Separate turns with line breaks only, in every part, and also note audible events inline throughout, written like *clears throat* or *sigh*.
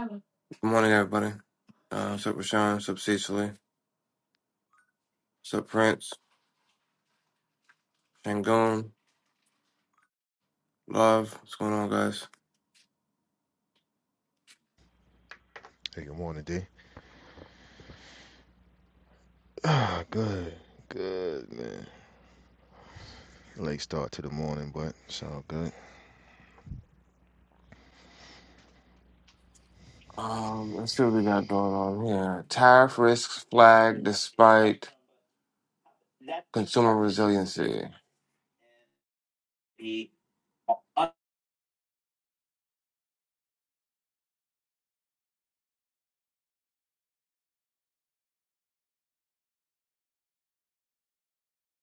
Good morning, everybody. Uh, what's up, Rashawn? What's up, Cecily? What's up, Prince? Shangoon? Love? What's going on, guys?
Hey, good morning, D. Ah, good, good, man. Late start to the morning, but it's all good.
Um, let's see what we got going on here. Tariff risks flag despite consumer resiliency.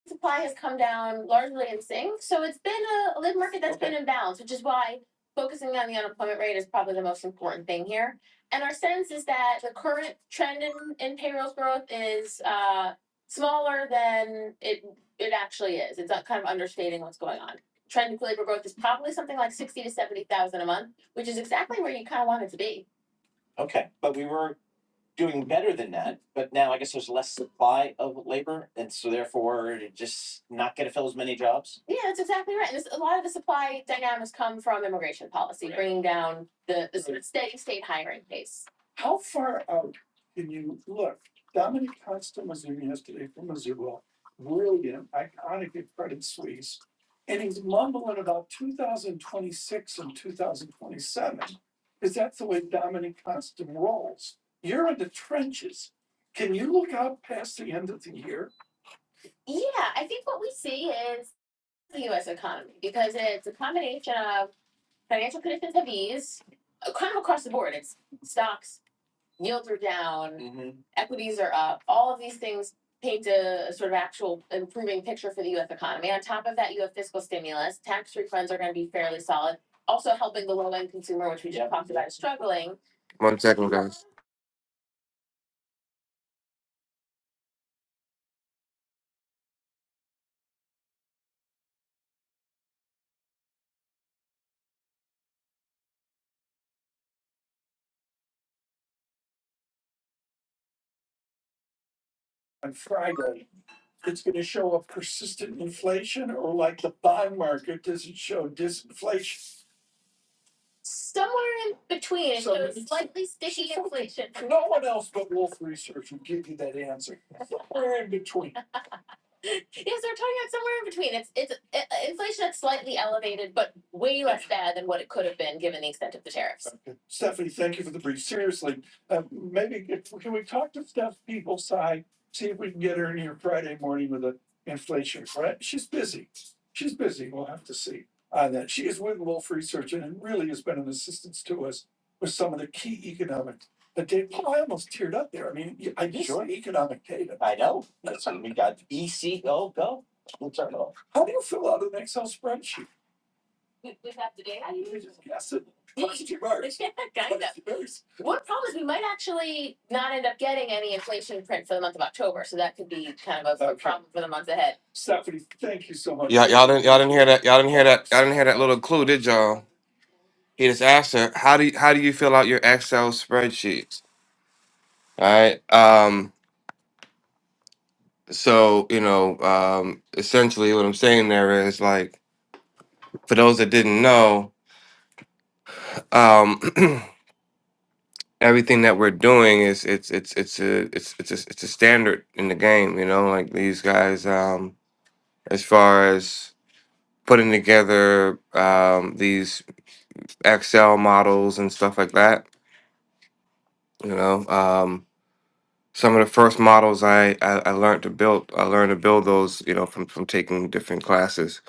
Supply has it's come down largely in sync, so it's been a a live market and balance, which is why focusing on the unemployment rate is probably the most important thing here. And our sense is that the current trend in, in payrolls growth is, uh, smaller than it, it actually is. It's uh, kind of understating what's going on. Trend in labor growth is probably something like sixty to seventy thousand a month, which is exactly where you kind of want it to be. Yeah, that's exactly right. And this, a lot of the supply dynamics come from immigration policy, Right. bringing down the, the steady state hiring pace. Yeah, I think what we see is the U.S. economy because it's a combination of financial conditions have eased, uh, kind of across the board. It's stocks yields are down, equities are up. All of these things paint a sort of actual improving picture for the U.S. economy. On top of that, you have fiscal stimulus. Tax refunds are going to be fairly solid, also helping the low-end consumer, which we talked about, is struggling One second, guys. somewhere in between. At least this year. Yes, they're talking about somewhere in between. It's it's uh, inflation that's slightly elevated, but way less bad than what it could have been given the extent of the tariffs. We, we've got the data. *laughs* One problem is we might actually not end up getting any inflation print for the month of October, so that could be kind of a for the month ahead. didn't y'all didn't hear that y'all didn't hear that y'all didn't hear that little clue, did y'all? He just asked her, how do you, how do you fill out your Excel spreadsheets? All right. Um so, you know, um essentially what I'm saying there is like for those that didn't know, um, *clears throat* everything that we're doing is it's it's it's a it's it's a, it's a standard in the game. You know, like these guys, um, as far as putting together um, these Excel models and stuff like that. You know, um, some of the first models I, I I learned to build I learned to build those. You know, from from taking different classes,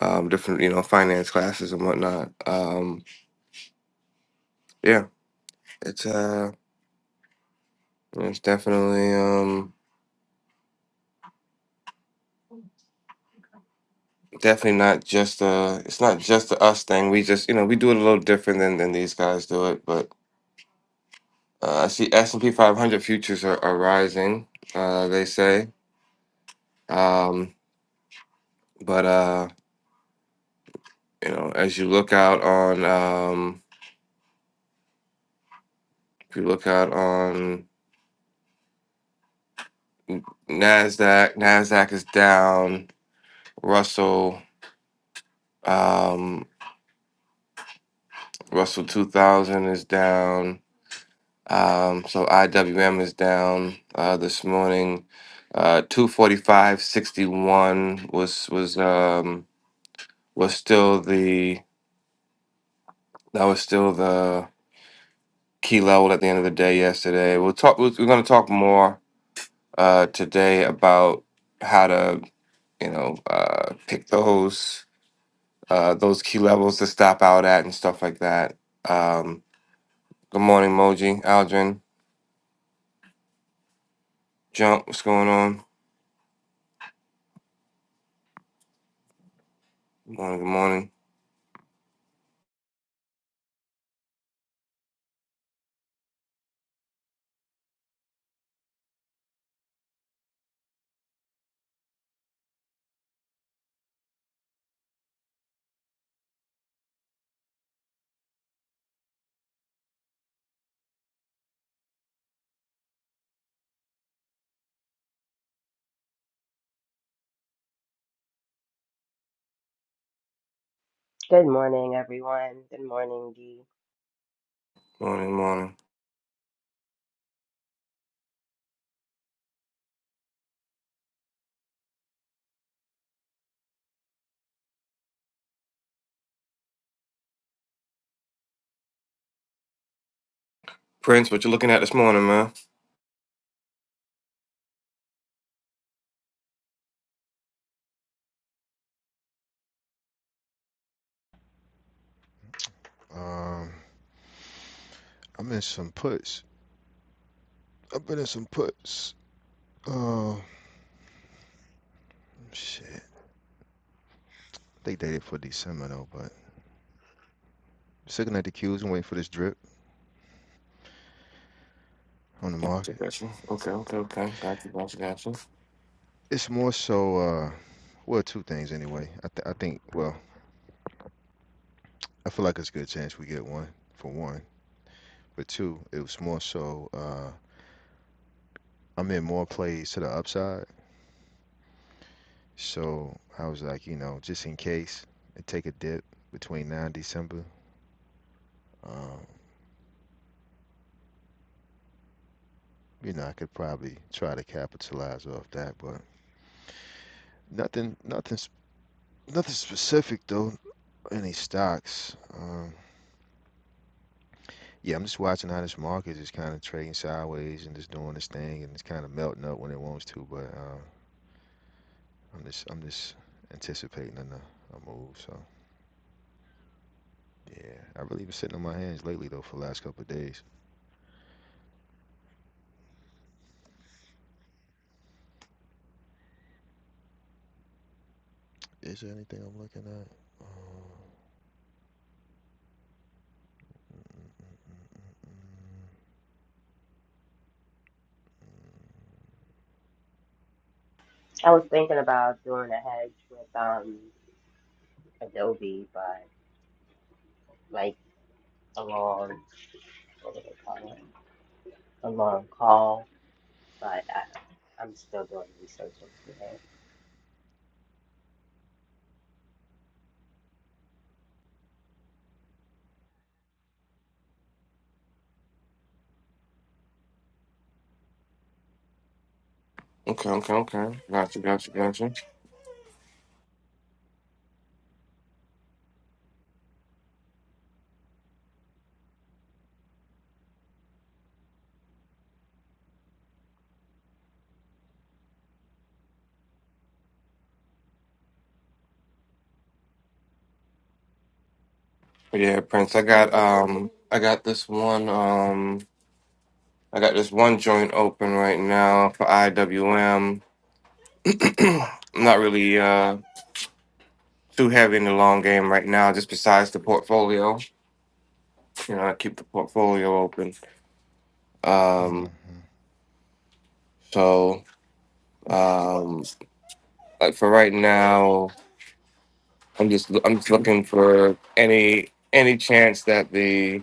um, different you know finance classes and whatnot. Um, yeah, it's uh it's definitely um Definitely not just a. It's not just a us thing. We just, you know, we do it a little different than than these guys do it. But uh, I see S and P 500 futures are, are rising. Uh, they say. Um, but uh, you know, as you look out on, um, if you look out on Nasdaq, Nasdaq is down. Russell, um, Russell 2000 is down. Um, so IWM is down uh, this morning. Uh, Two forty five sixty one was was um, was still the that was still the key level at the end of the day yesterday. We'll talk. We're going to talk more uh, today about how to you know uh, pick those uh, those key levels to stop out at and stuff like that. Um, good morning, Moji, Aldrin, Jump. What's going on? Morning. Good morning.
Good morning, everyone. Good morning, Dee.
Morning. Morning. Prince, what you looking at this morning, man?
Um, I'm in some puts. I've been in some puts. Oh, shit. They dated for December though, but just looking at the queues and waiting for this drip on the
Gotcha,
market.
gotcha. Okay, okay, okay. Gotcha, gotcha, gotcha.
It's more so, uh, well, two things anyway. I, th- I think, well, I feel like it's a good chance we get one for one, but two, it was more so, uh, I'm in more plays to the upside So I was like, you know, just in case it take a dip between now and December, um, you know, I could probably try to capitalize off that, but nothing, nothing, nothing specific though. Any stocks? Um, yeah, I'm just watching how this market is kind of trading sideways and just doing this thing, and it's kind of melting up when it wants to. But um, I'm just, I'm just anticipating a, a move. So yeah, I really been sitting on my hands lately though for the last couple of days. Is there anything I'm looking at? Um,
I was thinking about doing a hedge with um Adobe, but like a long, what do they call it? A long call, but I I'm still doing research into it.
Okay, okay, okay. Gotcha, gotcha, gotcha. Yeah, Prince, I got um I got this one um I got this one joint open right now for IWM. I'm not really uh too heavy in the long game right now, just besides the portfolio. You know, I keep the portfolio open. Um
Mm-hmm.
so um like for right now I'm just I'm just looking for any any chance that the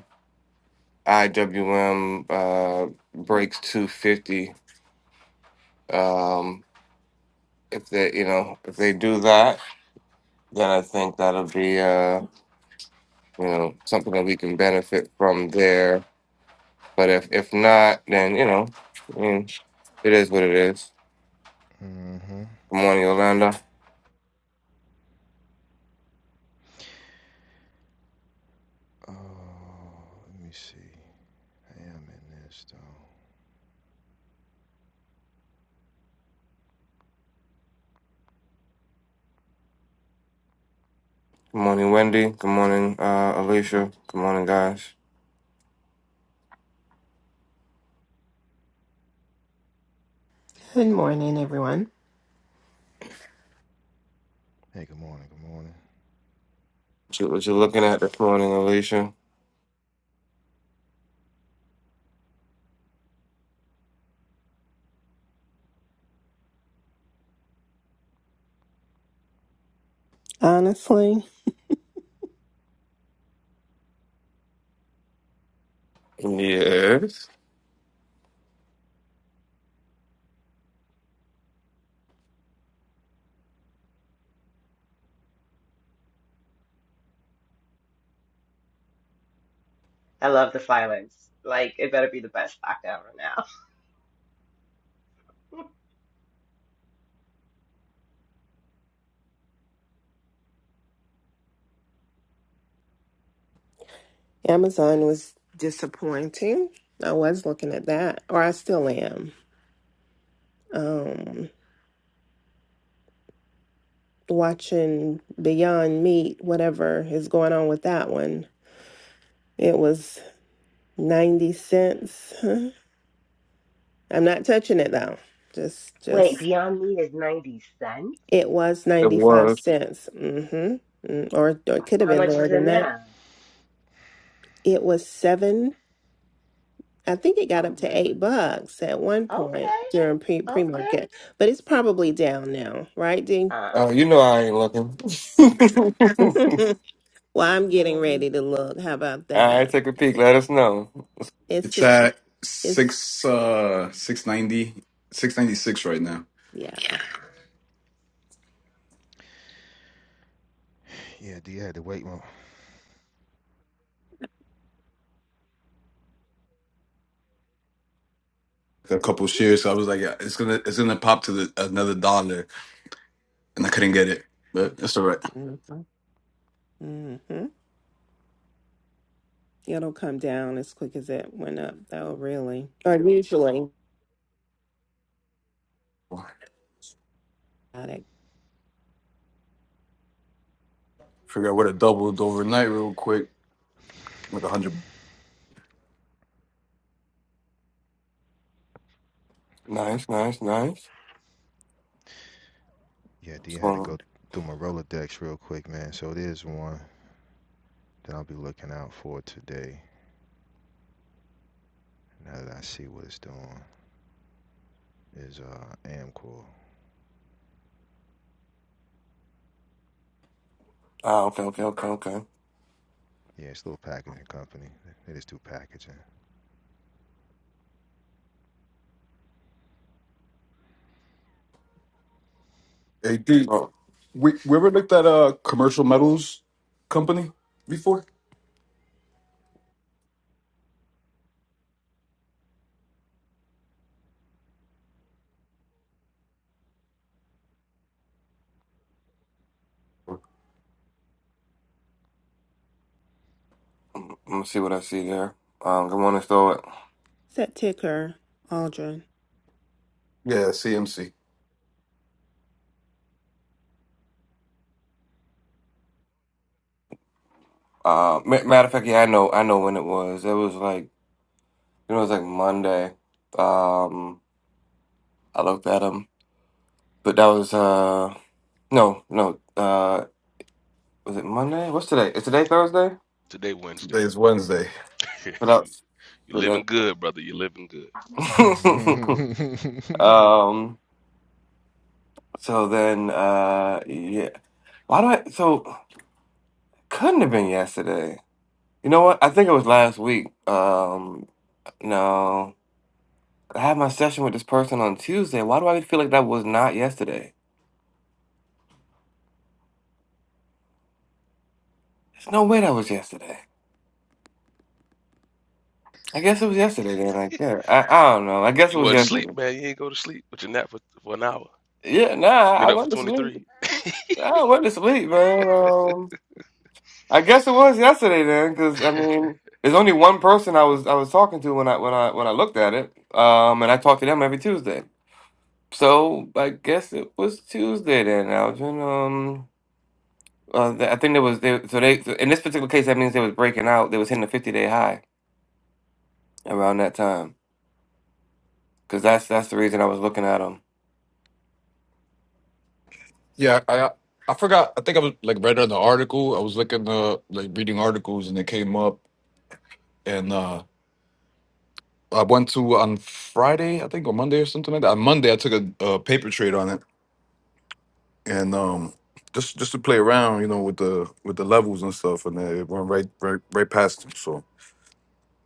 IWM uh, breaks 250. Um, if they you know if they do that, then I think that'll be uh, you know something that we can benefit from there. But if if not, then you know, I mean, it is what it is.
Mm-hmm.
Good morning, Orlando.
Oh, let me see. I am in this though.
Good morning, Wendy. Good morning, uh, Alicia. Good morning, guys.
Good morning, everyone.
Hey, good morning. Good morning.
What you, what you looking at this morning, Alicia?
Honestly,
Yes,
I love the silence. Like it better be the best stock ever now.
Amazon was disappointing. I was looking at that, or I still am. Um, watching Beyond Meat, whatever is going on with that one. It was 90 cents. *laughs* Huh? I'm not touching it though. Just,
*laughs*
just,
Wait, Beyond Meat is ninety cents.
it was
it
95
was.
cents. Mm-hmm. Mm, Or, or it could have
How
been
much
lower
is it
than that.
now?
It was 7 I think it got
Oh
up
my.
to eight bucks at one point
Okay.
during pre pre
Okay.
market, but it's probably down now, right, Dee?
Uh.
Oh, you know I ain't looking.
*laughs* well,
*laughs*
I'm getting
All
ready to look. How about
right,
that?
take a peek. Let us know.
It's
It's
six.
at
It's
six uh six ninety six ninety six right now.
yeah.
Yeah, D had to wait. Well,
A couple shares, so I was like, yeah, it's gonna it's gonna pop to the, another dollar, and I couldn't get it, but that's all right.
Mm-hmm. It'll come down as quick as it went up, though. Really, or usually. Got it.
Figure out what it doubled overnight real quick like a hundred.
Nice, nice, nice.
yeah, D
What's
had
going
to
on?
go through my Rolodex real quick, man. So it is one that I'll be looking out for today. Now that I see what it's doing, is uh Amcor.
Ah, okay, okay, okay, okay.
Yeah, it's a little packaging company. They just do packaging.
Hey, dude,
Oh,
we we ever looked at a commercial metals company before?
I'm going see what I see there. Um, good morning, Stoic.
It's that ticker, Aldrin.
Yeah, CMC.
Uh, ma- matter of fact, yeah, I know, I know when it was. It was like, you know, it was like Monday. Um, I looked at him, but that was uh, no, no. Uh, was it Monday? What's today? Is today Thursday?
Today Wednesday.
Today's Wednesday.
*laughs*
What
you
else?
you living
What
good, brother. You living good.
else? *laughs*
*laughs*
um. So then, uh, yeah. Why do I? So couldn't have been yesterday. You know what? I think it was last week. Um, no, I had my session with this person on Tuesday. Why do I feel like that was not yesterday? There's no way that was yesterday. I guess it was yesterday then. Like, yeah, I, I don't know. I guess it
You
was
wasn't
yesterday.
sleep, man. You ain't go to sleep, but you nap for, for an hour.
Yeah, nah,
You
I
been up for
went to sleep.
23.
I went to sleep, man. Um, I guess it was yesterday then, because I mean, there's only one person I was I was talking to when I when I when I looked at it. Um, and I talked to them every Tuesday. So I guess it was Tuesday then, Algin. Um, uh, th- I think there was there. So they so in this particular case, that means they was breaking out. They was hitting a fifty day high around that time. Cause that's that's the reason I was looking at them.
Yeah, I I forgot. I think I was like read on the article. I was looking uh like reading articles and it came up and uh I went to on Friday, I think, or Monday or something like that. On Monday, I took a, uh paper trade on it, and um, just just to play around, you know, with the with the levels and stuff, and then it went right right right past them. So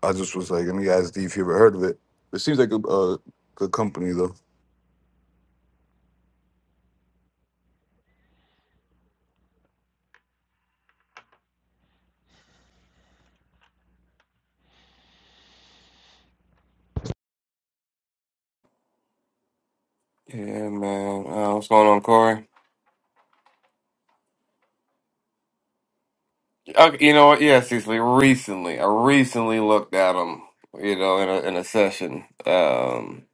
I just was like, let me ask D if you ever heard of it. It seems like a uh, good company though.
Yeah, man. Uh, what's going on, Corey? Okay, you know what? Yeah, Cecily. Recently, I recently looked at them. You know, in a in a session. Um,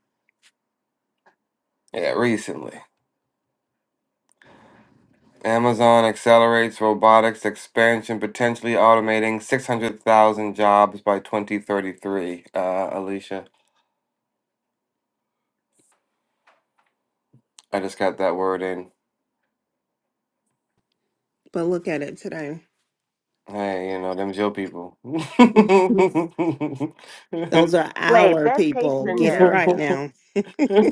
yeah, recently. Amazon accelerates robotics expansion, potentially automating 600,000 jobs by 2033. Uh, Alicia, I just got that word in.
But look at it today.
Hey, you know, them Joe people. *laughs*
*laughs* Those are
Wait.
our
Best case
people. Get it right
scenario.
now.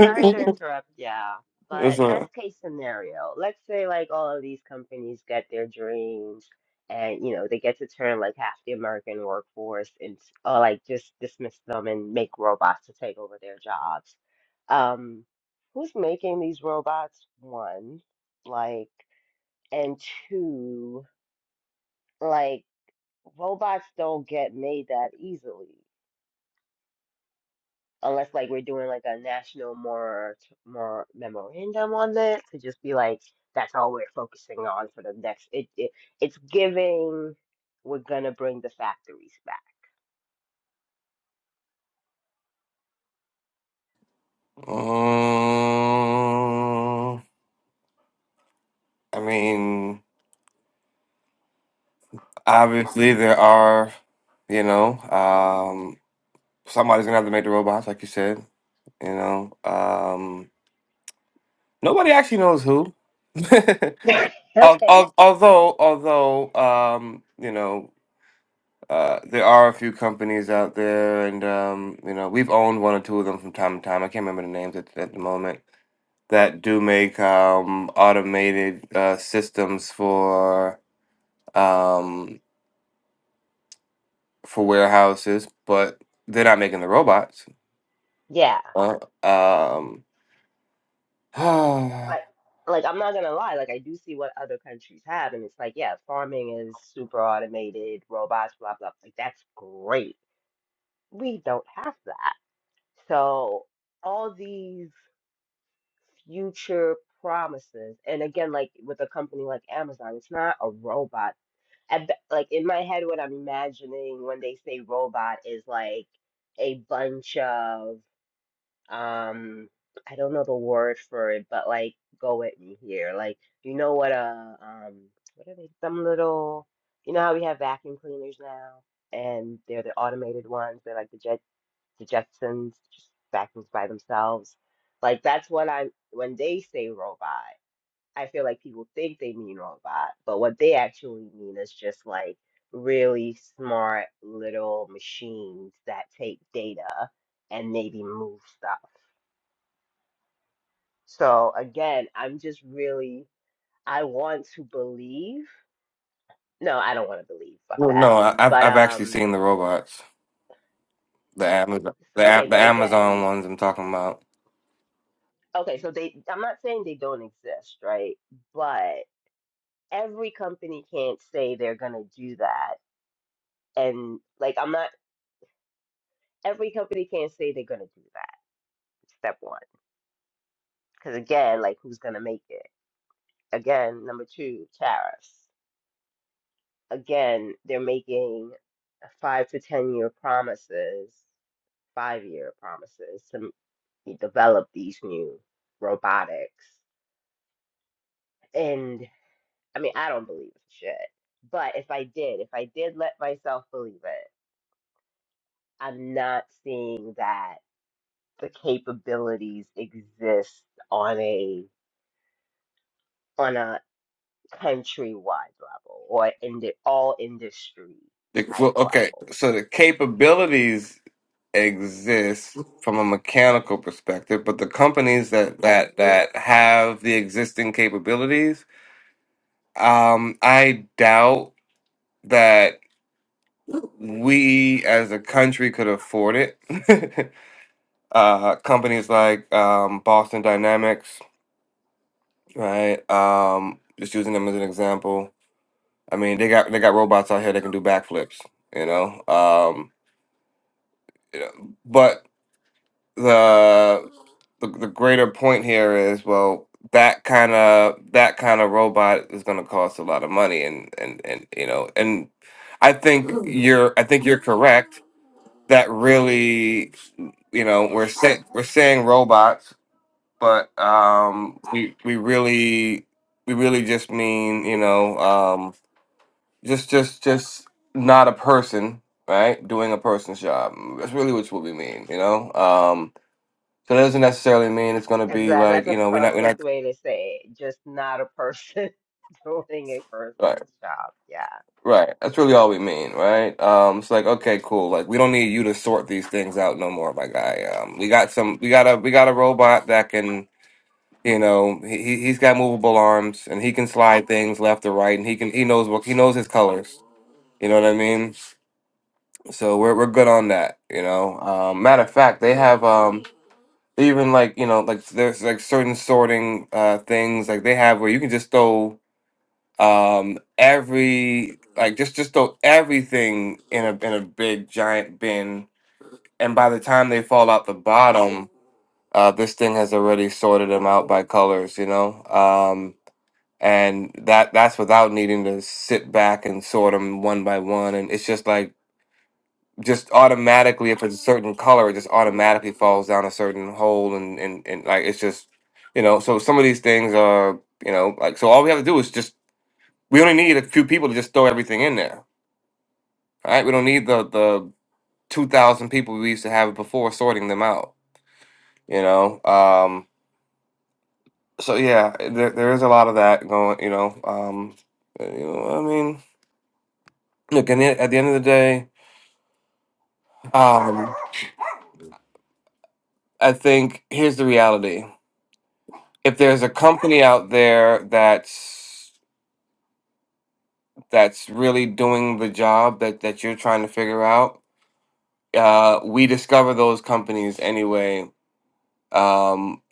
Sorry to interrupt, yeah.
That's
But
right.
best case scenario, let's say like all of these companies get their dreams and you know they get to turn like half the American workforce and or like just dismiss them and make robots to take over their jobs. Um, who's making these robots? One, like, and two, like robots don't get made that easily. unless like we're doing like a national more more memorandum on this to just be like that's all we're focusing on for the next it, it it's giving we're gonna bring the factories
Um, I mean, obviously, there are, you know, um, somebody's going to have to make the robots, like you said, you know. Um, Nobody actually knows who. *laughs*
back *laughs* *laughs*
Al-
Okay.
al- although, although, um, you know, uh, there are a few companies out there, and um, you know, we've owned one or two of them from time to time. I can't remember the names at, at the moment that do make um, automated uh, systems for um, for warehouses, but they're not making the robots.
yeah
Uh, um, *sighs* well,
like like i'm not gonna lie like i do see what other countries have and it's like yeah farming is super automated robots blah blah like that's great we don't have that so all these future promises. And again, like with a company like Amazon, it's not a robot. At, the- like in my head, what I'm imagining when they say robot is like a bunch of um, I don't know the word for it, but like go with me here. Like you know what a um, what are they? Some little, you know how we have vacuum cleaners now, and they're the automated ones. They're like the jet the Jetsons just vacuums by themselves. Like that's what I'm when they say robot, I feel like people think they mean robot, but what they actually mean is just like really smart little machines that take data and maybe move stuff. So again, I'm just really I want to believe. No, I don't want to believe. Fuck that.
no, I, I've
But
I've actually
um
seen the robots. The Amazon, the, A-
okay,
the
but
Amazon
again,
ones I'm talking about.
okay, so they I'm not saying they don't exist, right? But every company can't say they're gonna do that. And like I'm not every company can't say they're gonna do that. Step one. Because again, like who's gonna make it? Again, number two, tariffs. Again, they're making five to ten year promises, five year promises to m- develop these new robotics. And I mean, I don't believe it's shit. But if I did, if I did let myself believe it, I'm not seeing that the capabilities exist on a on a countrywide level or in the all industry
The,
type
well, okay,
level.
so the capabilities exist from a mechanical perspective, but the companies that that that have the existing capabilities, um, I doubt that we as a country could afford it. *laughs* uh, companies like um, Boston Dynamics, right? Um, just using them as an example I mean, they got they got robots out here that can do backflips, you know. Um, but the, the the greater point here is, well, that kind of that kind of robot is going to cost a lot of money, and and and you know, and I think you're I think you're correct that really, you know, we're say, we're saying robots, but um, we we really we really just mean you know. um, just just just not a person right doing a person's job that's really what's what we mean you know um so that doesn't necessarily mean it's going to be
Exactly.
like
That's a
you know we're not we're not
perfect way to say it. Just not a person *laughs* doing a
right
person's job. Yeah.
right that's really all we mean right um it's like okay cool like we don't need you to sort these things out no more my guy um we got some we got a we got a robot that can you know he he- he's got movable arms and he can slide things left or right and he can he knows what he knows his colors you know what i mean So we're we're good on that, you know. Um, matter of fact, they have um they even like you know like there's like certain sorting uh things like they have where you can just throw um every like just just throw everything in a in a big giant bin, and by the time they fall out the bottom, uh this thing has already sorted them out by colors, you know. Um, and that that's without needing to sit back and sort them one by one, and it's just like just automatically if it's a certain color it just automatically falls down a certain hole and and, and like it's just you know so some of these things are you know like so all we have to do is just we only need a few people to just throw everything in there all right we don't need the the 2000 people we used to have before sorting them out you know um so yeah there, there is a lot of that going you know um you know i mean look and at the end of the day um i think here's the reality if there's a company out there that's that's really doing the job that that you're trying to figure out uh we discover those companies anyway um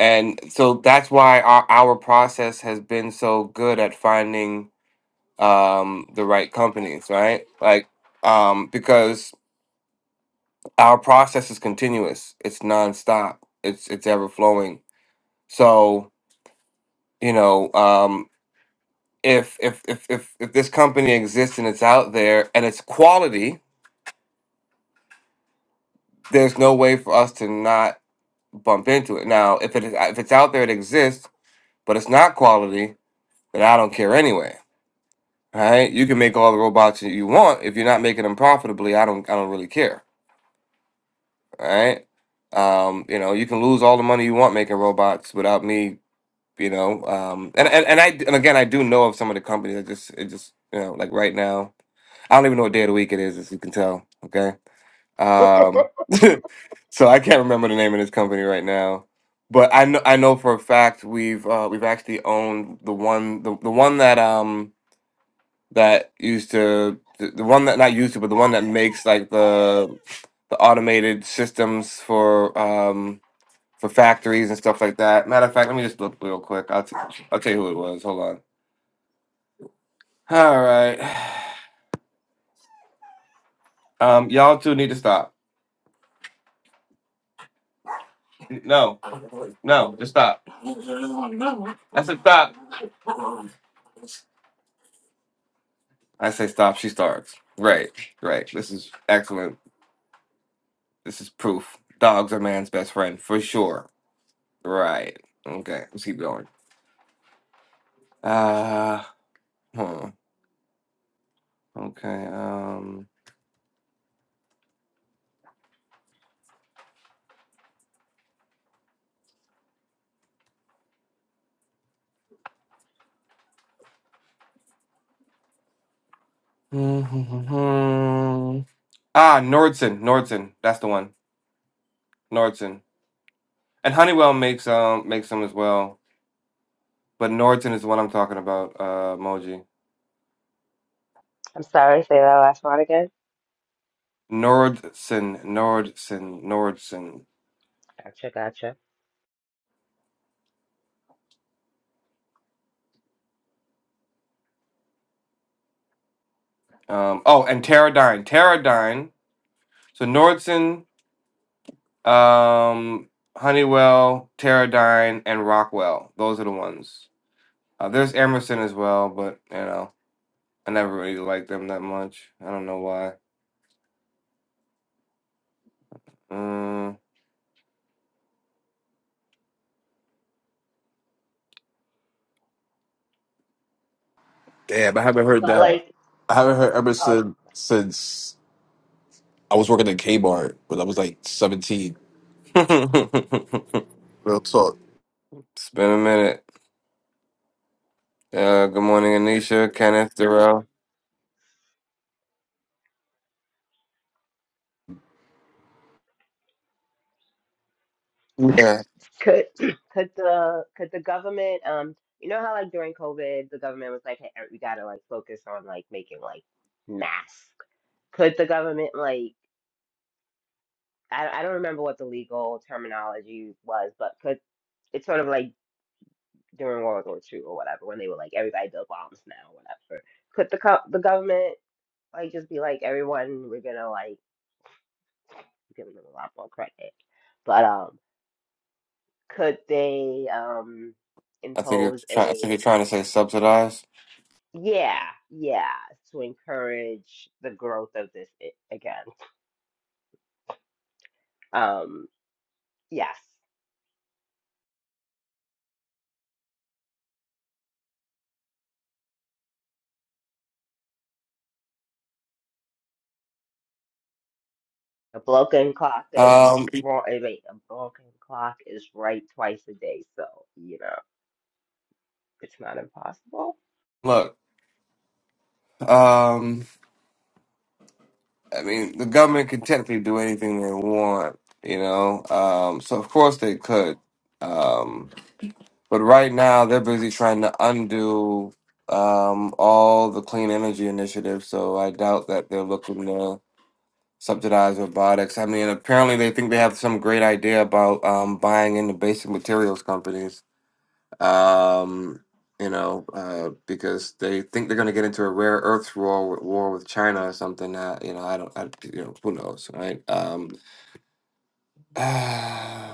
and so that's why our, our process has been so good at finding um the right companies right like um because our process is continuous it's nonstop it's it's ever flowing so you know um, if if if if, if this company exists and it's out there and it's quality, there's no way for us to not bump into it. Now, if it is, if it's out there, it exists, but it's not quality, then I don't care anyway. Right? You can make all the robots that you want if you're not making them profitably. I don't I don't really care. Right? Um, you know, you can lose all the money you want making robots without me. You know, um, and, and and I and again, I do know of some of the companies. I just it just you know like right now, I don't even know what day of the week it is, as you can tell. Okay, Um, *laughs* so I can't remember the name of this company right now, but I know I know for a fact we've uh, we've actually owned the one the, the one that um that used to the, the one that not used to but the one that makes like the the automated systems for um for factories and stuff like that. Matter of fact, let me just look real quick. I'll t- I'll tell you who it was. Hold on. All right, *sighs* um, y'all two need to stop. No, no, just stop. That's a stop. I say stop, she starts. Right, right. This is excellent. This is proof. Dogs are man's best friend for sure. Right. Okay, let's keep going. Uh, huh. Okay, um. *laughs* ah, Nordson, Nordson. That's the one. Nordson. And Honeywell makes um makes them as well. But Nordson is the one I'm talking about, uh, Moji.
I'm sorry, say that last one again.
Nordson, Nordson, Nordson.
Gotcha, gotcha.
Um, oh, and Teradyne. Teradyne. So Nordson Um, Honeywell, Teradyne, and Rockwell. Those are the ones. Uh, there's Emerson as well, but you know, I never really liked them that much. I don't know why. Mm.
Damn, I haven't heard
But
that.
like,
I haven't heard ever
uh,
since since I was working at Kmart when I was like seventeen.
*laughs*
Real talk.
it's been a minute. Uh, good morning, Anisha, Kenneth, Darrell. Yeah,
could *clears throat* could the could the government um you know how like during COVID the government was like, hey, we gotta like focus on like making like masks could the government like I, I don't remember what the legal terminology was, but could it's sort of like during World War Two or whatever when they were like everybody build bombs now, whatever. Could the co- the government like just be like everyone we're gonna like give them a lot more credit, but um could they um
I think you're
impose
trying. I think you're
a
trying to say subsidized.
yeah yeah to encourage the growth of this i- again um yes A broken clock is
Um,
wrong. I mean, a broken clock is right twice a day, so you know it's not impossible.
look. Um, I mean, the government can technically do anything they want. You know. Um, so of course they could. Um, But right now, they're busy trying to undo um, all the clean energy initiatives. So I doubt that they're looking to subsidize robotics. I mean, apparently they think they have some great idea about um, buying into basic materials companies. Um, you know, uh, because they think they're going to get into a rare earths war with, war with China or something. Uh, you know, I don't. I, you know, who knows, right? Um, *sighs*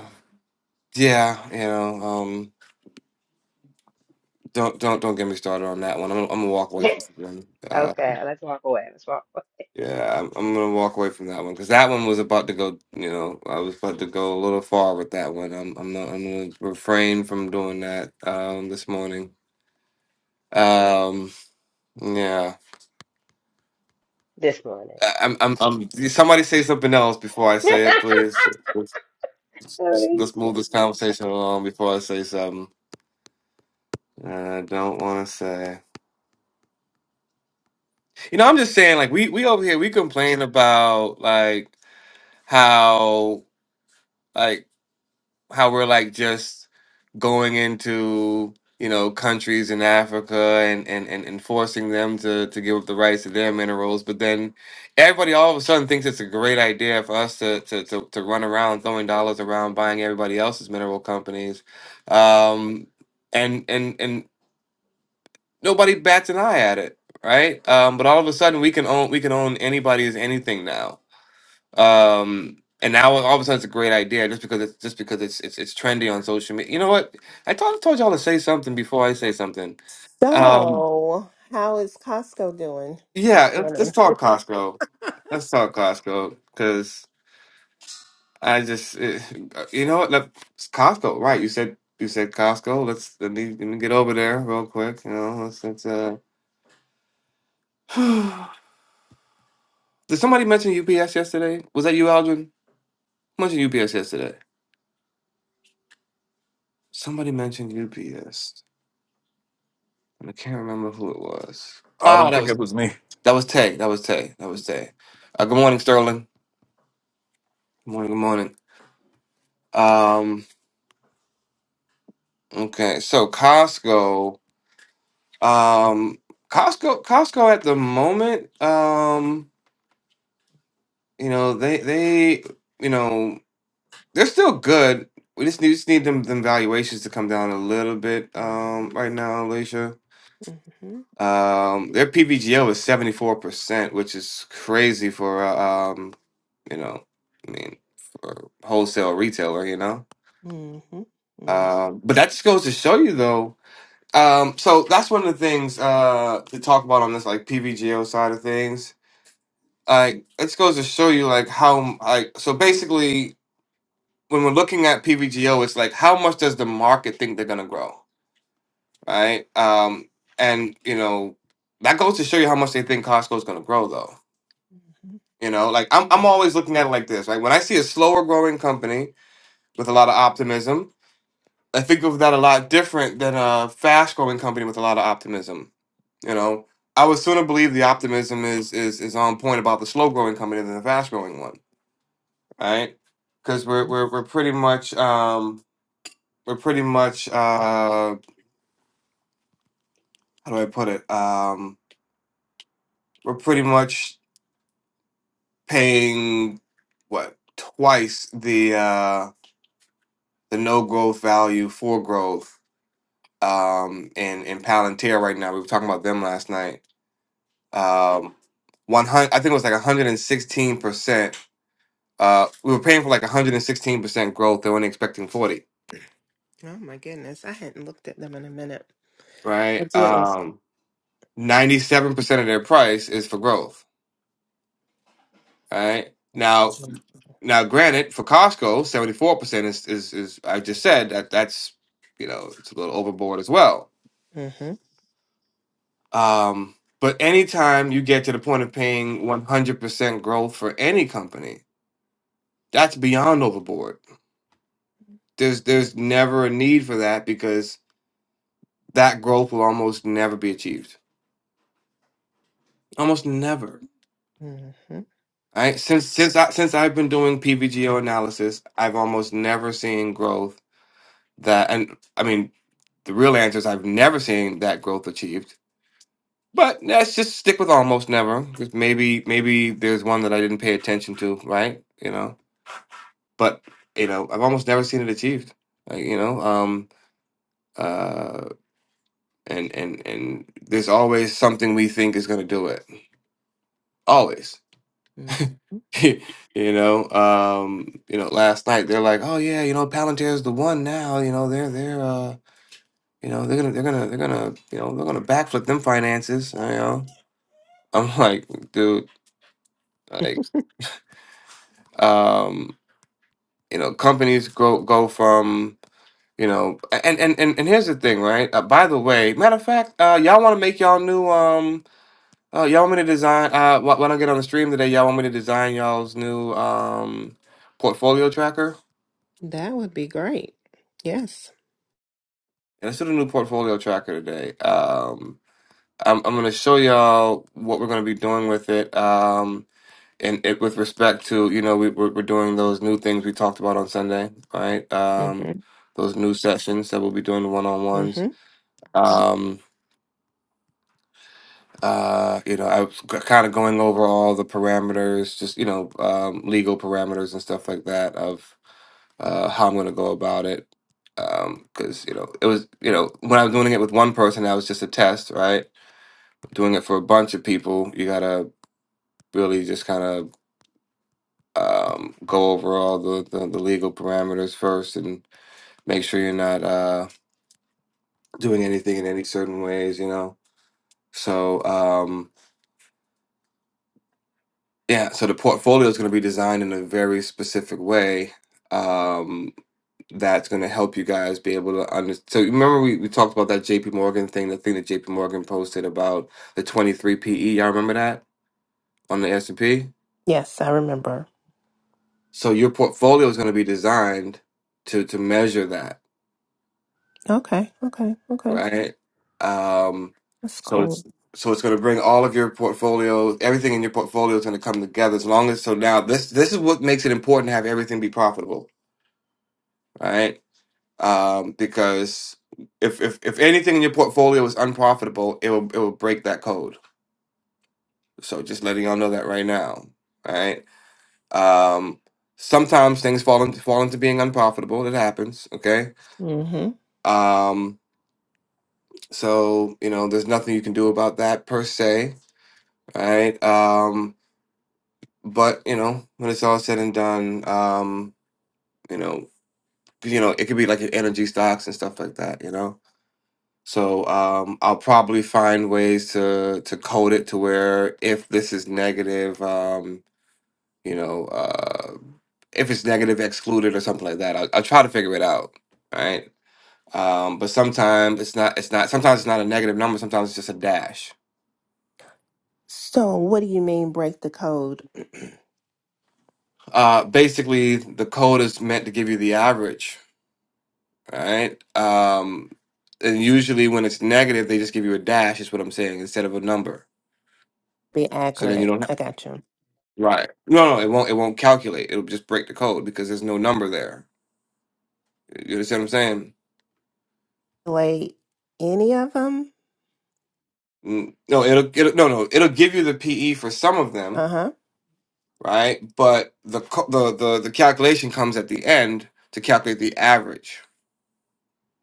yeah, you know. Um, Don't don't don't get me started on that one. I'm gonna, I'm gonna walk away from
*laughs*
that one. Uh,
okay, let's walk away. Let's walk away.
yeah, I'm, I'm gonna walk away from that one because that one was about to go. You know, I was about to go a little far with that one. I'm I'm not, I'm gonna refrain from doing that um, this morning. Um, yeah,
this morning.
I, I'm I'm I'm. Somebody say something else before I say it, please. Let's,
*laughs*
let's, let's
Alicia.
move this conversation along before I say something. uh, I don't want to say. You know, I'm just saying. Like we we over here, we complain about like how like how we're like just going into you know countries in Africa and and and, and forcing them to to give up the rights to their minerals, but then everybody all of a sudden thinks it's a great idea for us to to to, to run around throwing dollars around buying everybody else's mineral companies, um, and and and nobody bats an eye at it, right? Um, but all of a sudden we can own we can own anybody's anything now um, and now all of a sudden it's a great idea just because it's just because it's it's it's trendy on social media. You know what? I thought I told y'all to say something before I say something. Um,
So, how is Costco doing this
yeah, let's, let's
morning?
talk Costco. Let's talk Costco because I just it, you know what? Let, it's Costco, right? You said you said Costco. Let's let me, let me get over there real quick. You know, let's, let's uh. *sighs* Did somebody mention UPS yesterday? Was that you, Aldrin? Mentioned UPS yesterday. Somebody mentioned UPS. I can't remember who it was.
I
Oh,
don't
that
think
was
it was me.
that was Tay. That was Tay. That was Tay. Uh, good morning, Sterling. Good morning. Good morning. Um. Okay. So Costco. Um. Costco. Costco at the moment. Um. You know they they you know they're still good. We just need, just need them them valuations to come down a little bit.
Mhm,
Um. Right now, Alicia.
mhm,
Um. Their PVGO is seventy four percent, which is crazy for. uh, um you know, I mean, for wholesale retailer, you know.
mhm, mhm,
Um,
mhm.
but that just goes to show you, though. Um, so that's one of the things uh, to talk about on this like PVGO side of things. Like, it just goes to show you like how like so basically when we're looking at PVGO, it's like how much does the market think they're gonna grow, right? Um, and you know that goes to show you how much they think Costco's gonna grow, though. You know, like I'm I'm
mhm.
always looking at it like this. Like when I see a slower growing company with a lot of optimism, I think of that a lot different than a fast growing company with a lot of optimism. You know, I would sooner believe the optimism is is is on point about the slow growing company than the fast growing one, right? Because we're we're we're pretty much um we're pretty much uh how do I put it um we're pretty much paying what twice the uh the no growth value for growth um in in Palantir right now. We were talking about them last night um, one hundred. I think it was like one hundred and sixteen percent. Uh, we were paying for like one hundred and sixteen percent growth. They're only expecting forty,
Oh my goodness, I hadn't looked at them in a minute. I
right?
did last.
Um, ninety-seven percent of their price is for growth, right? Now, now, granted, for Costco, seventy-four percent is, is is I just said that that's you know it's a little overboard as well.
Mm-hmm,
Um, but anytime you get to the point of paying one hundred percent growth for any company, that's beyond overboard there's there's never a need for that because that growth will almost never be achieved. Almost never.
mm-hmm,
Right? Since since I since I've been doing PVGO analysis, I've almost never seen growth that and I mean the real answer is I've never seen that growth achieved. But let's just stick with almost never because maybe maybe there's one that I didn't pay attention to, right? You know, but you know I've almost never seen it achieved. Like, you know, um, uh, and and and there's always something we think is going to do it. Always.
hmm
*laughs* you know, um, you know, last night they're like, oh yeah, you know, Palantir's the one now. You know, they're they're uh, you know, they're gonna they're gonna they're gonna you know they're gonna backflip them finances. You know, *laughs* I'm like, dude, like, um, you know, companies go go from you know, a- and and and, and here's the thing, right? Uh, by the way, matter of fact, uh, y'all want to make y'all new um. Oh, y'all want me to design? Uh, wh- when I get on the stream today, y'all want me to design y'all's new um portfolio tracker?
That would be great. Yes.
and this is a new portfolio tracker today. Um, I'm, I'm going to show y'all what we're going to be doing with it. Um, and it, with respect to, you know, we, we're, we're doing those new things we talked about on Sunday, right? Um,
Mm-hmm,
those new sessions that we'll be doing one on ones.
mm-hmm.
Um, uh, you know, I was kind of going over all the parameters, just, you know, um, legal parameters and stuff like that of uh, how I'm going to go about it. Because, you know, it was, you know, when I was doing it with one person, that was just a test, right? doing it for a bunch of people, you gotta really just kind of um, go over all the, the, the legal parameters first and make sure you're not uh, doing anything in any certain ways, you know? So, um, yeah, so the portfolio is gonna be designed in a very specific way um, that's gonna help you guys be able to understand. So, remember we, we talked about that JP Morgan thing, the thing that JP Morgan posted about the 23 PE. Y'all remember that on the S&P?
Yes, I remember.
So your portfolio is going to be designed to to measure that,
Okay, okay, okay.
right? Um,
That's
so it's
cool.
so it's going to bring all of your portfolio, everything in your portfolio is going to come together. As long as so now this this is what makes it important to have everything be profitable, right? Um, because if if if anything in your portfolio is unprofitable, it will it will break that code. So just letting y'all know that right now, right? Um, sometimes things fall into fall into being unprofitable. It happens, okay?
Mm-hmm.
Um, So, you know, there's nothing you can do about that per se, right? Um, but, you know, when it's all said and done, um, you know, 'cause, you know, it could be like your energy stocks and stuff like that, you know? So, um, I'll probably find ways to to code it to where if this is negative, um, you know, uh, if it's negative excluded or something like that, I'll, I'll try to figure it out, right? Um, but sometimes it's not, it's not, sometimes it's not a negative number, sometimes it's just a dash
So, what do you mean break the code?
Uh, basically, the code is meant to give you the average, right? Um, and usually, when it's negative, they just give you a dash. Is what I'm saying instead of a number.
Be
So then you
accurate.
don't have
I got you.
right. No, no, it won't. It won't calculate. It'll just break the code because there's no number there. You understand what I'm saying?
Wait, any of them?
Mm, No, it'll, it'll no no it'll give you the PE for some of them,
Uh-huh.
right? But the co- the the the calculation comes at the end to calculate the average,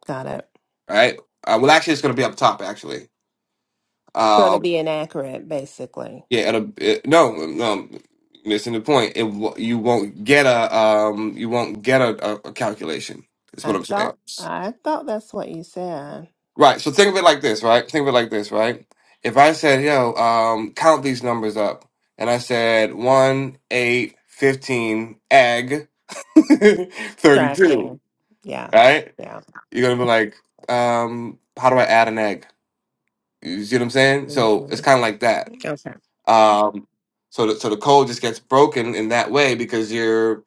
Got it.
right? Uh, well, actually, it's going to be up top actually.
So
Um,
to be inaccurate, basically.
Yeah, it'll, it, no, no, missing the point. It wo- you won't get a um, you won't get a, a, a calculation. Is what
I
I'm saying.
thought I thought that's what you said.
Right. So think of it like this. Right. Think of it like this. Right. If I said, "Yo, um, count these numbers up," and I said one, eight, fifteen, egg, *laughs* thirty-two.
Tracking. Yeah.
Right.
Yeah.
You're gonna be like, um, "How do I add an egg?" You see what I'm saying? So it's
Mhm.
kind of like that.
Okay.
Um, so the, so the code just gets broken in that way because you're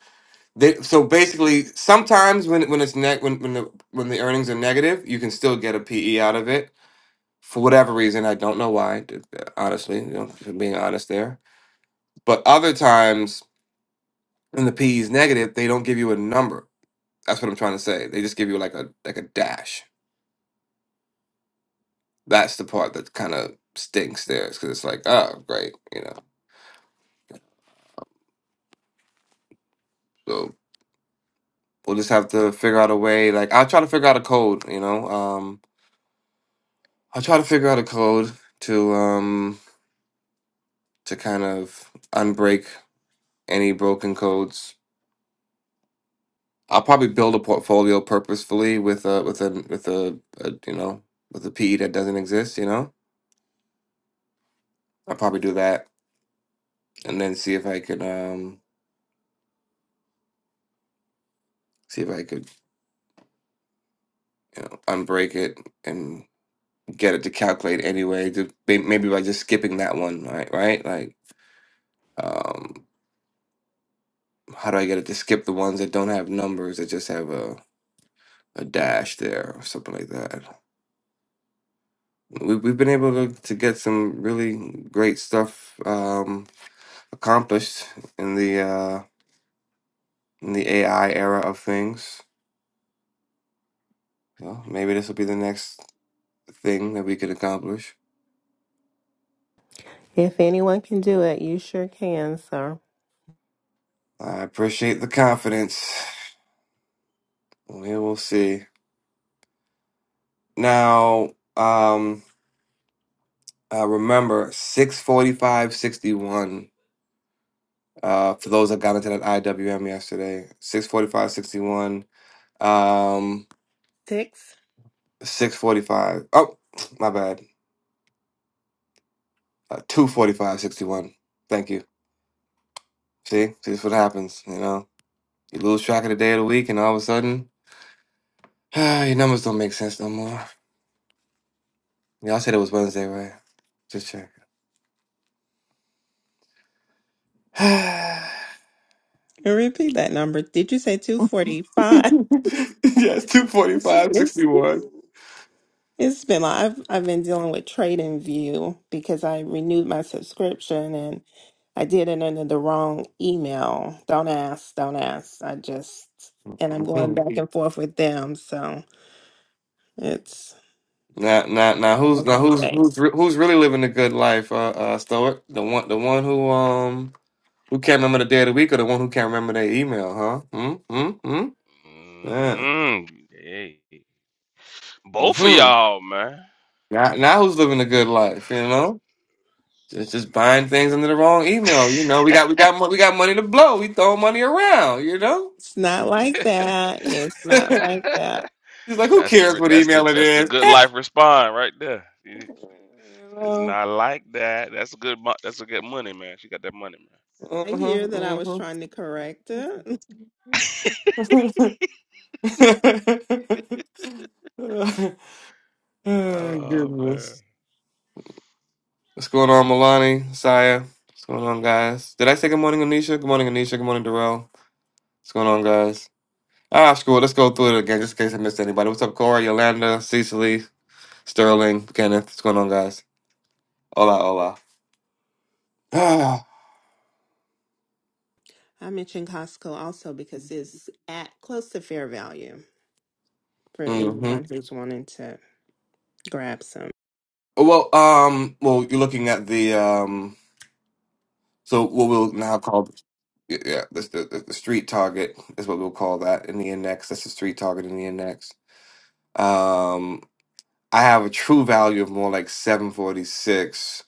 they, so basically sometimes when when it's net when when the when the earnings are negative you can still get a PE out of it for whatever reason I don't know why d- honestly you know if I'm being honest there but other times when the PE is negative they don't give you a number that's what I'm trying to say they just give you like a like a dash that's the part that kind of stinks there because it's like oh great you know So we'll just have to figure out a way. Like I'll try to figure out a code. You know, um, I'll try to figure out a code to um to kind of unbreak any broken codes. I'll probably build a portfolio purposefully with a with a with a, a you know with a PE that doesn't exist. You know, I'll probably do that and then see if I could um see if I could you know unbreak it and get it to calculate anyway. To, may- maybe by just skipping that one, right? Right, like. Um, how do I get it to skip the ones that don't have numbers that just have a, a dash there or something like that? We, we've been able to, to get some really great stuff um, accomplished in the uh, in the AI era of things. So maybe this will be the next thing that we can accomplish.
If anyone can do it, you sure can, sir.
I appreciate the confidence. We will see. Now, um, uh, remember six forty five sixty one. Uh, for those that got into that IWM yesterday, six forty five, sixty um,
Six.
645. Oh, *tsk* my bad. Uh, 245, Thank you. See, see, this is what happens. You know, you lose track of the day of the week, and all of a sudden, *sighs* your numbers don't make sense no more. Y'all said it was Wednesday, right? Just check. *sighs*
And repeat that number. Did you say two forty
*laughs*
five?
yes, two forty
It's
five, sixty one.
it's been like I've I've been dealing with Trade and View because I renewed my subscription and. I did it under the wrong email. Don't ask, don't ask. I just, and I'm going back and forth with them. So it's
Now, now, now,
a
who's
long
now who's
day.
who's re- who's really living a good life? Uh, uh, Stoic, the one, the one who um who can't remember the day of the week, or the one who can't remember their email, huh? Hmm, hmm, hmm. Yeah.
Mm, hey. Both of
Hmm.
y'all, man.
Now, now, who's living a good life? You know, just just buying things under the wrong email. You know, we got we got mo- we got money to blow. We throwing money around. You know,
It's not like that. It's
*laughs*
not
it's
like that.
like, who
That's the
cares
re-
what
that's the
email it
that's the
is?
good
*laughs*
life respond right there. You-
you
It's
know.
not like that. That's a good mo- that's a good money, man. She got that money, man.
I hear that I was
Uh-huh,
trying to correct it. *laughs*
uh-huh. *laughs* *laughs* Oh
Oh man.
Goodness. What's going on, Milani, Saya? What's going on, guys? Did I say good morning, Anisha? Good morning, Anisha. Good morning, Darrell. What's going on, guys? Ah, screw it. Let's go through it again, just in case I missed anybody. What's up, Corey, Yolanda, Cecily, Sterling, Kenneth? What's going on, guys? Hola, hola. *sighs* Ah,
I mentioned Costco also because it's at close to fair value for
hmm
anyone who's wanting to grab some.
Well, um, well, you're looking at the um, so what we'll now call yeah, the, the, the street target is what we'll call that in the index. That's the street target in the index. Um, I have a true value of more like 746.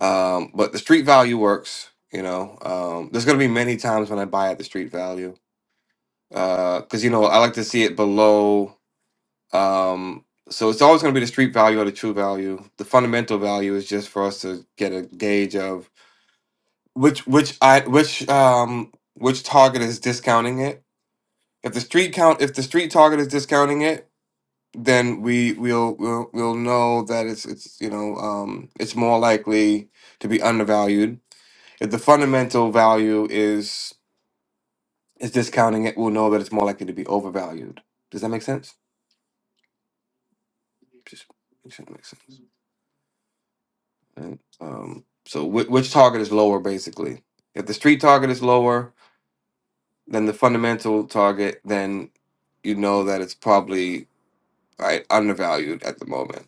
Um, but the street value works, you know. Um, there's gonna be many times when I buy at the street value. Uh, because you know, I like to see it below. Um, so it's always gonna be the street value or the true value. The fundamental value is just for us to get a gauge of which which I which um which target is discounting it. If the street count if the street target is discounting it, then we we'll we'll, we'll know that it's it's you know um, it's more likely to be undervalued. If the fundamental value is is discounting it, we'll know that it's more likely to be overvalued. Does that make sense? Just it should make sense. Right? Um, so whi which target is lower, basically? If the street target is lower than the fundamental target, then you know that it's probably right undervalued at the moment.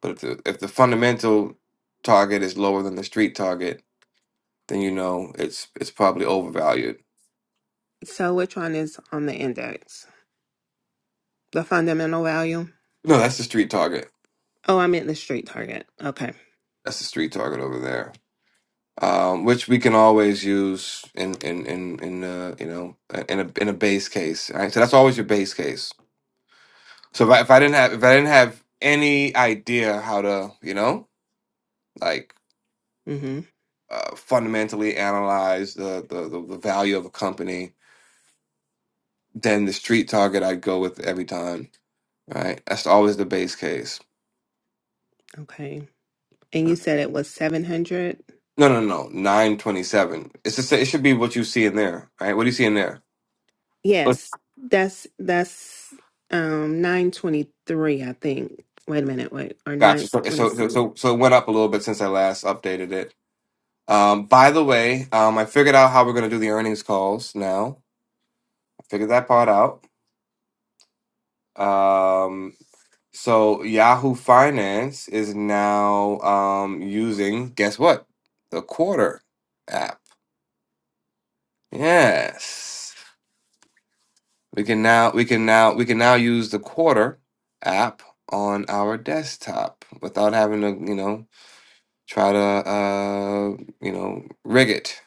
But if the if the fundamental target is lower than the street target, then you know it's it's probably overvalued.
So which one is on the index? The fundamental value?
No, that's the street target.
Oh, I meant the street target. Okay.
That's the street target over there, um, which we can always use in in in in uh, you know uh, in a in a base case. Right, so that's always your base case. So if I, if I didn't have if I didn't have any idea how to you know like
Mm-hmm.
uh, fundamentally analyze the, the the the value of a company, then the street target I'd go with every time Right? That's always the base case.
Okay. and you said it was 700
No, no, no. Nine twenty-seven. It's just it should be what you see in there. Right? What do you see in there? Let's-
yes that's that's um 923 i think wait a minute wait or 9
Gotcha. So,
let me
so,
see
so, so so it went up a little bit since I last updated it. Um, by the way, um, I figured out how we're gonna do the earnings calls now. I figured that part out. Um, so Yahoo Finance is now um using guess what? The Quarter app. Yes. We can now we can now we can now use the Quarter app on our desktop without having to, you know, try to uh, you know, rig it.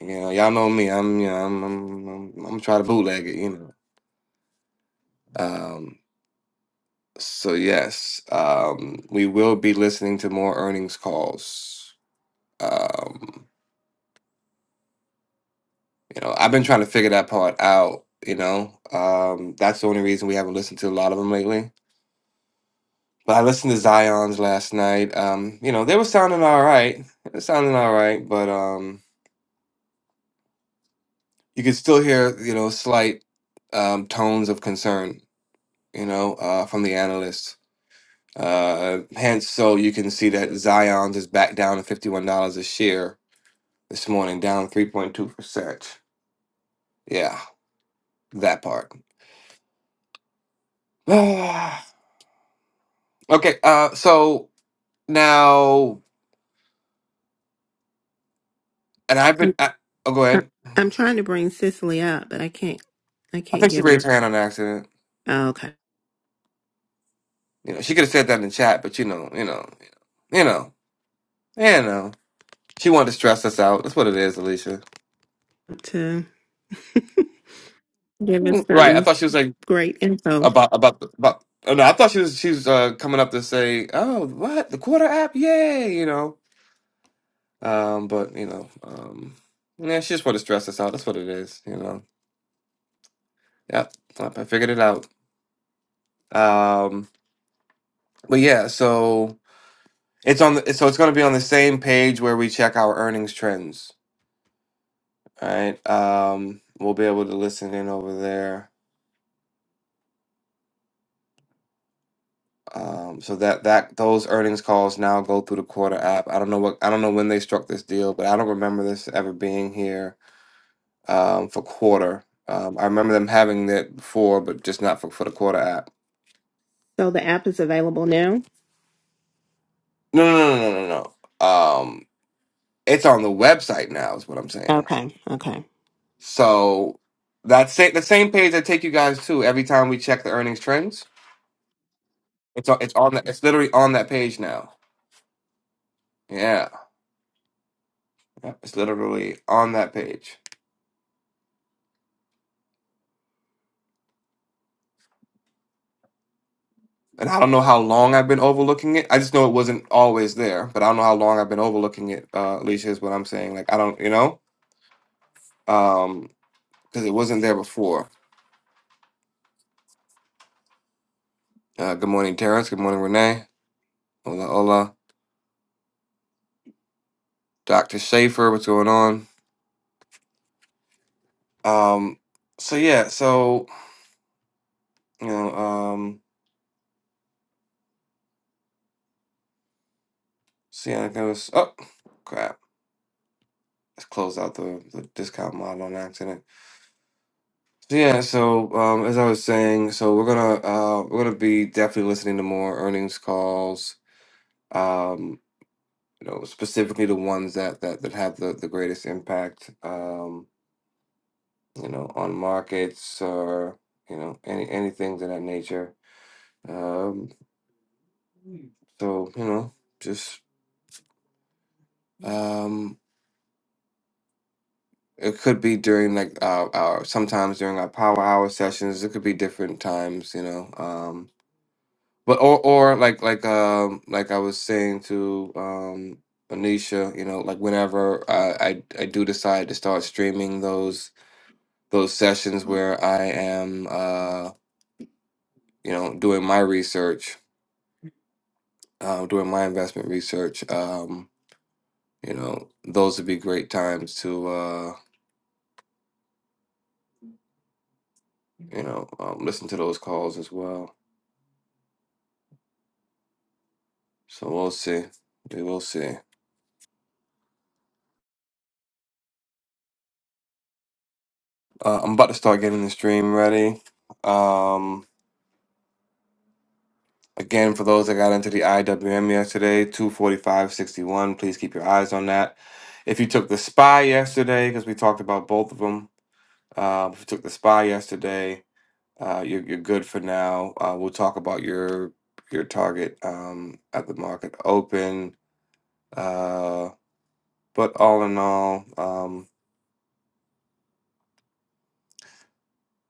You know, y'all know me. I'm you know, I'm I'm I'm, I'm trying to bootleg it, you know. Um so yes, um we will be listening to more earnings calls. Um you know, I've been trying to figure that part out, you know. Um that's the only reason we haven't listened to a lot of them lately But I listened to Zion's last night. Um, you know, they were sounding all right. They were sounding all right, but um, you could still hear, you know, slight um, tones of concern, you know, uh, from the analysts. Uh, hence, so you can see that Zion's is back down to fifty-one dollars a share this morning, down three point two percent. Yeah, that part. *sighs* okay, uh, so now, and I've been. I, oh, go
I-
ahead.
i'm trying to bring Cicely up but i can't i
I
can't
think she
get
raised
her
her hand on accident.
Oh, okay
You know, she could have said that in the chat, but you know, you know, you know, you know. She wanted to stress us out. That's what it is, Alicia.
to *laughs* give us
Right. I
some
thought she was like
great info
about about about. Oh, no, I thought she was she was uh, coming up to say, "Oh, what the quarter app? Yay!" You know. Um, but you know, um, yeah, she just wanted to stress us out. That's what it is. You know. Yep. Yep, I figured it out. Um, but yeah, so it's on. The, so it's going to be on the same page where we check our earnings trends. All right. Um, we'll be able to listen in over there. Um, so that that those earnings calls now go through the Quarter app. I don't know what I don't know when they struck this deal, but I don't remember this ever being here um, for Quarter. Um, I remember them having that before, but just not for for the Quarter app.
so the app is available now
No, no, no, no, no, no. Um, it's on the website now, is what I'm saying.
okay okay
So that's sa- the same page I take you guys to every time we check the earnings trends. It's on, it's on that it's literally on that page now. Yeah. Yep, It's literally on that page. And I don't know how long I've been overlooking it. I just know it wasn't always there, but I don't know how long I've been overlooking it. Uh, Alicia is what I'm saying. Like I don't, you know, um, because it wasn't there before. Uh, good morning, Terrence. Good morning, Renee. Hola, hola, Doctor Schaefer. What's going on? Um, so yeah, so you know, um, see, I goes. Oh, crap! Let's close out the the discount model on accident. So yeah, so um, as I was saying, so we're gonna uh, we're gonna be definitely listening to more earnings calls. Um, you know, specifically the ones that that that have the the greatest impact. Um, you know, on markets or you know any anything of that nature. Um, so you know, just um, it could be during like our, our sometimes during our power hour sessions. It could be different times. You know, um, But or or like like um like I was saying to um Anisha, you know, like whenever I I, I do decide to start streaming those those sessions where I am uh you know doing my research, uh, doing my investment research, um you know those would be great times to uh you know um, listen to those calls as well. So we'll see, we will see. Uh, I'm about to start getting the stream ready. Um. Again, for those that got into the IWM yesterday, 245.61, please keep your eyes on that. If you took the SPY yesterday, because we talked about both of them, uh, if you took the SPY yesterday, uh, you're, you're good for now. Uh, we'll talk about your your target um, at the market open. Uh, but all in all, um,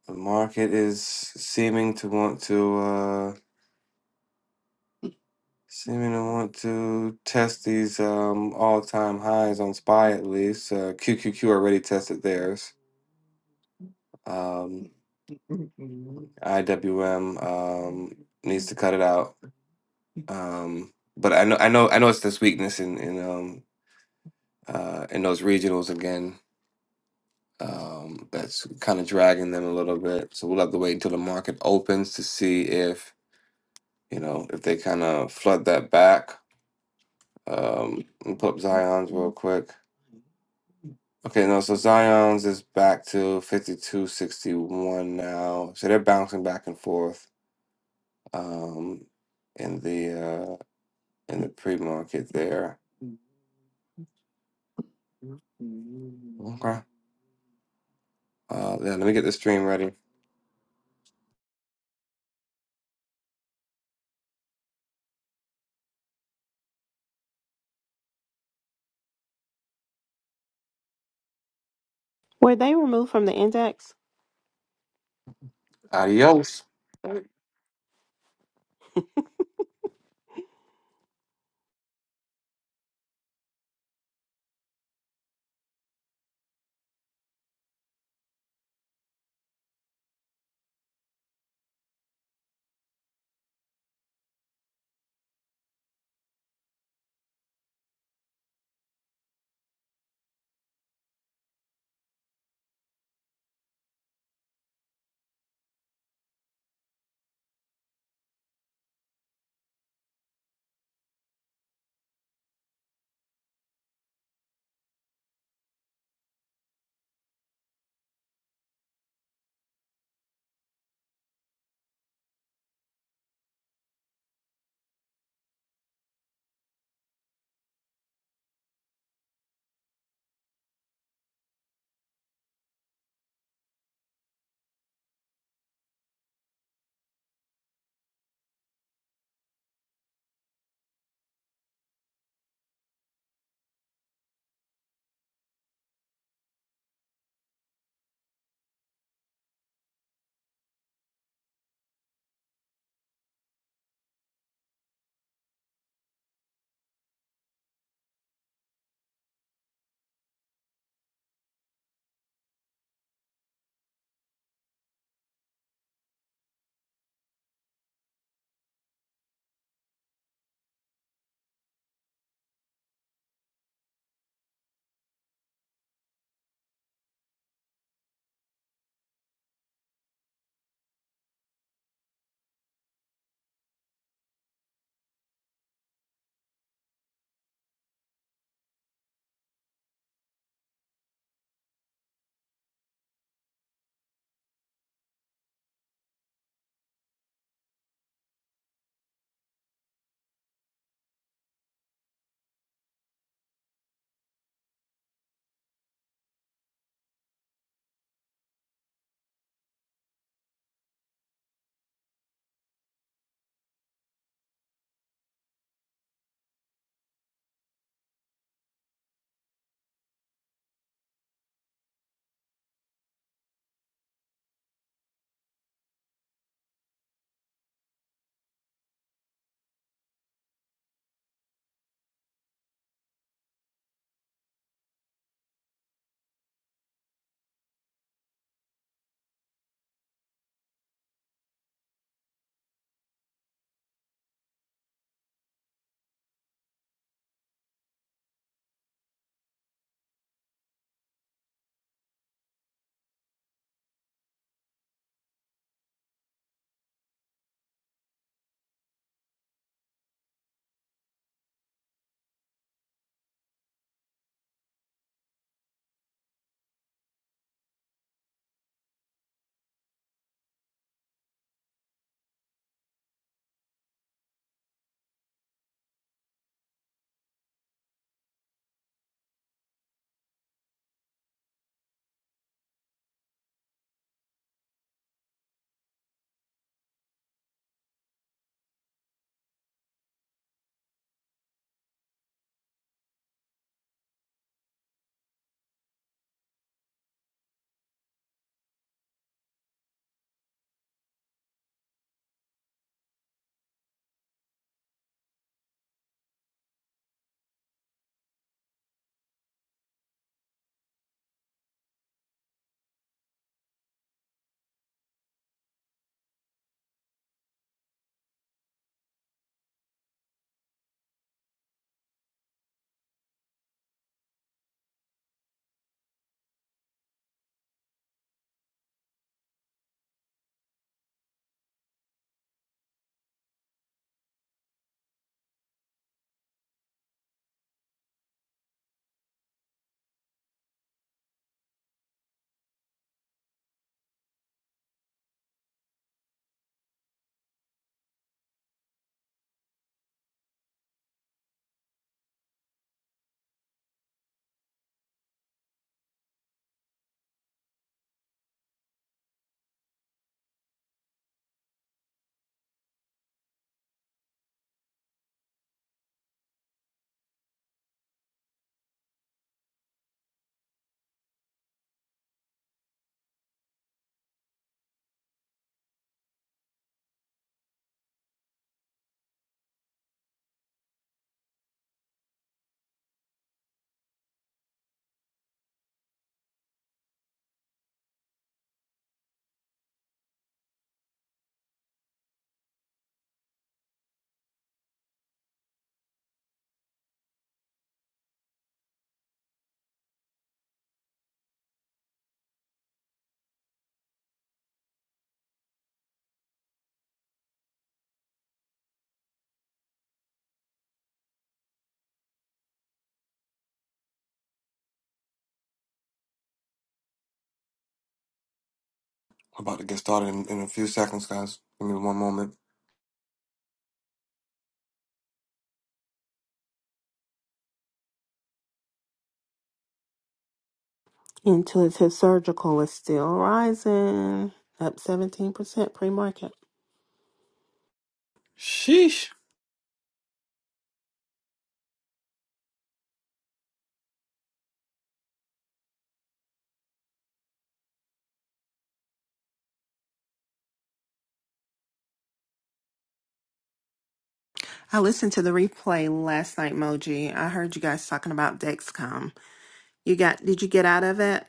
the market is seeming to want to. Uh, Seeming to want to test these um, all-time highs on SPY at least. Uh, QQQ already tested theirs. Um, IWM um, needs to cut it out. Um, but I know, I know, I know it's this weakness in in um, uh, in those regionals again. Um, that's kind of dragging them a little bit. So we'll have to wait until the market opens to see if you know if they kind of flood that back. Um, let me pull up Zion's real quick. Okay, no, so Zion's is back to 5261 now. So they're bouncing back and forth um in the uh in the pre-market there. Okay. Uh yeah, let me get the stream ready.
were they removed from the index
Adios. We're about to get started in, in a few seconds, guys. Give me one moment.
intuitive surgical is still rising up 17% pre-market I listened to the replay last night, Moji. I heard you guys talking about Dexcom. You got did you get out of it?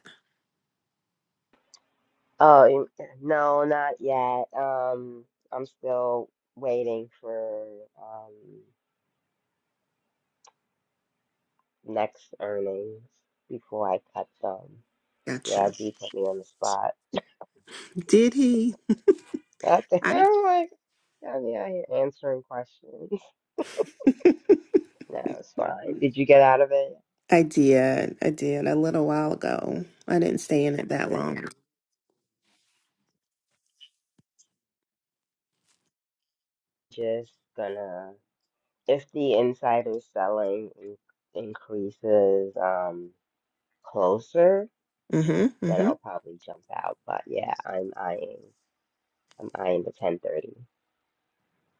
oh you- no, not yet. Um, I'm still waiting for um next earnings before I cut them.
Gotcha.
Yeah, D put me on the spot.
Did he?
*laughs* I'm
I
like, I mean, here answering questions. *laughs* No, it's fine. Did you get out of it?
I did. I did a little while ago. I didn't stay in it that long.
just gonna if the insider selling in- increases um closer,
Mm-hmm.
then
Mm-hmm.
I'll probably jump out. But yeah, I'm eyeing I'm eyeing the ten thirty.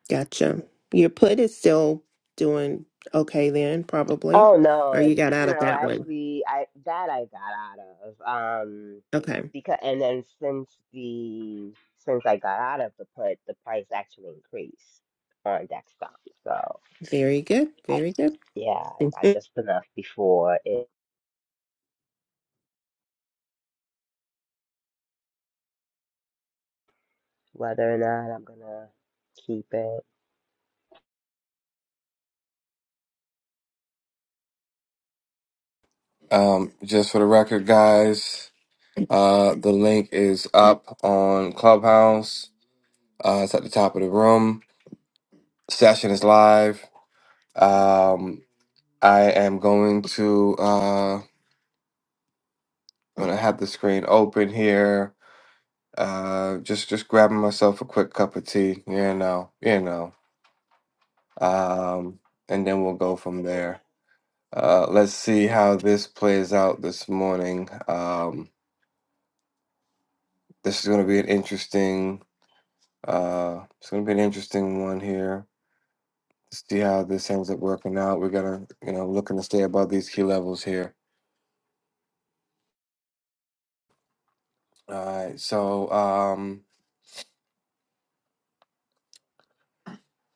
Gotcha. Your put is still doing okay then, probably.
Oh no,
Or
it-
you got out of
no,
that one.
actually I that I got out of. Um
Okay.
because and then since the since I got out of the put, the price actually increased on Dexcom. So
Very good.
I
Very good.
yeah, I
*laughs*
got just enough before it whether or not I'm gonna keep it,
Um, just for the record, guys. Uh, the link is up on Clubhouse. Uh, it's at the top of the room. Session is live. Um, I am going to uh, when I have the screen open here. Uh, just just grabbing myself a quick cup of tea. You know, you know. Um, and then we'll go from there. Uh, let's see how this plays out this morning. Um, this is going to be an interesting. Uh, it's going to be an interesting one here. see how this ends up working out. We're gonna, you know, looking to stay above these key levels here. All right. So um,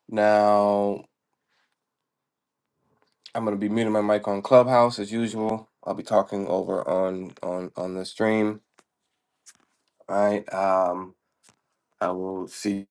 now I'm gonna be muting my mic on Clubhouse as usual. I'll be talking over on on on the stream. All right. Um, I will see.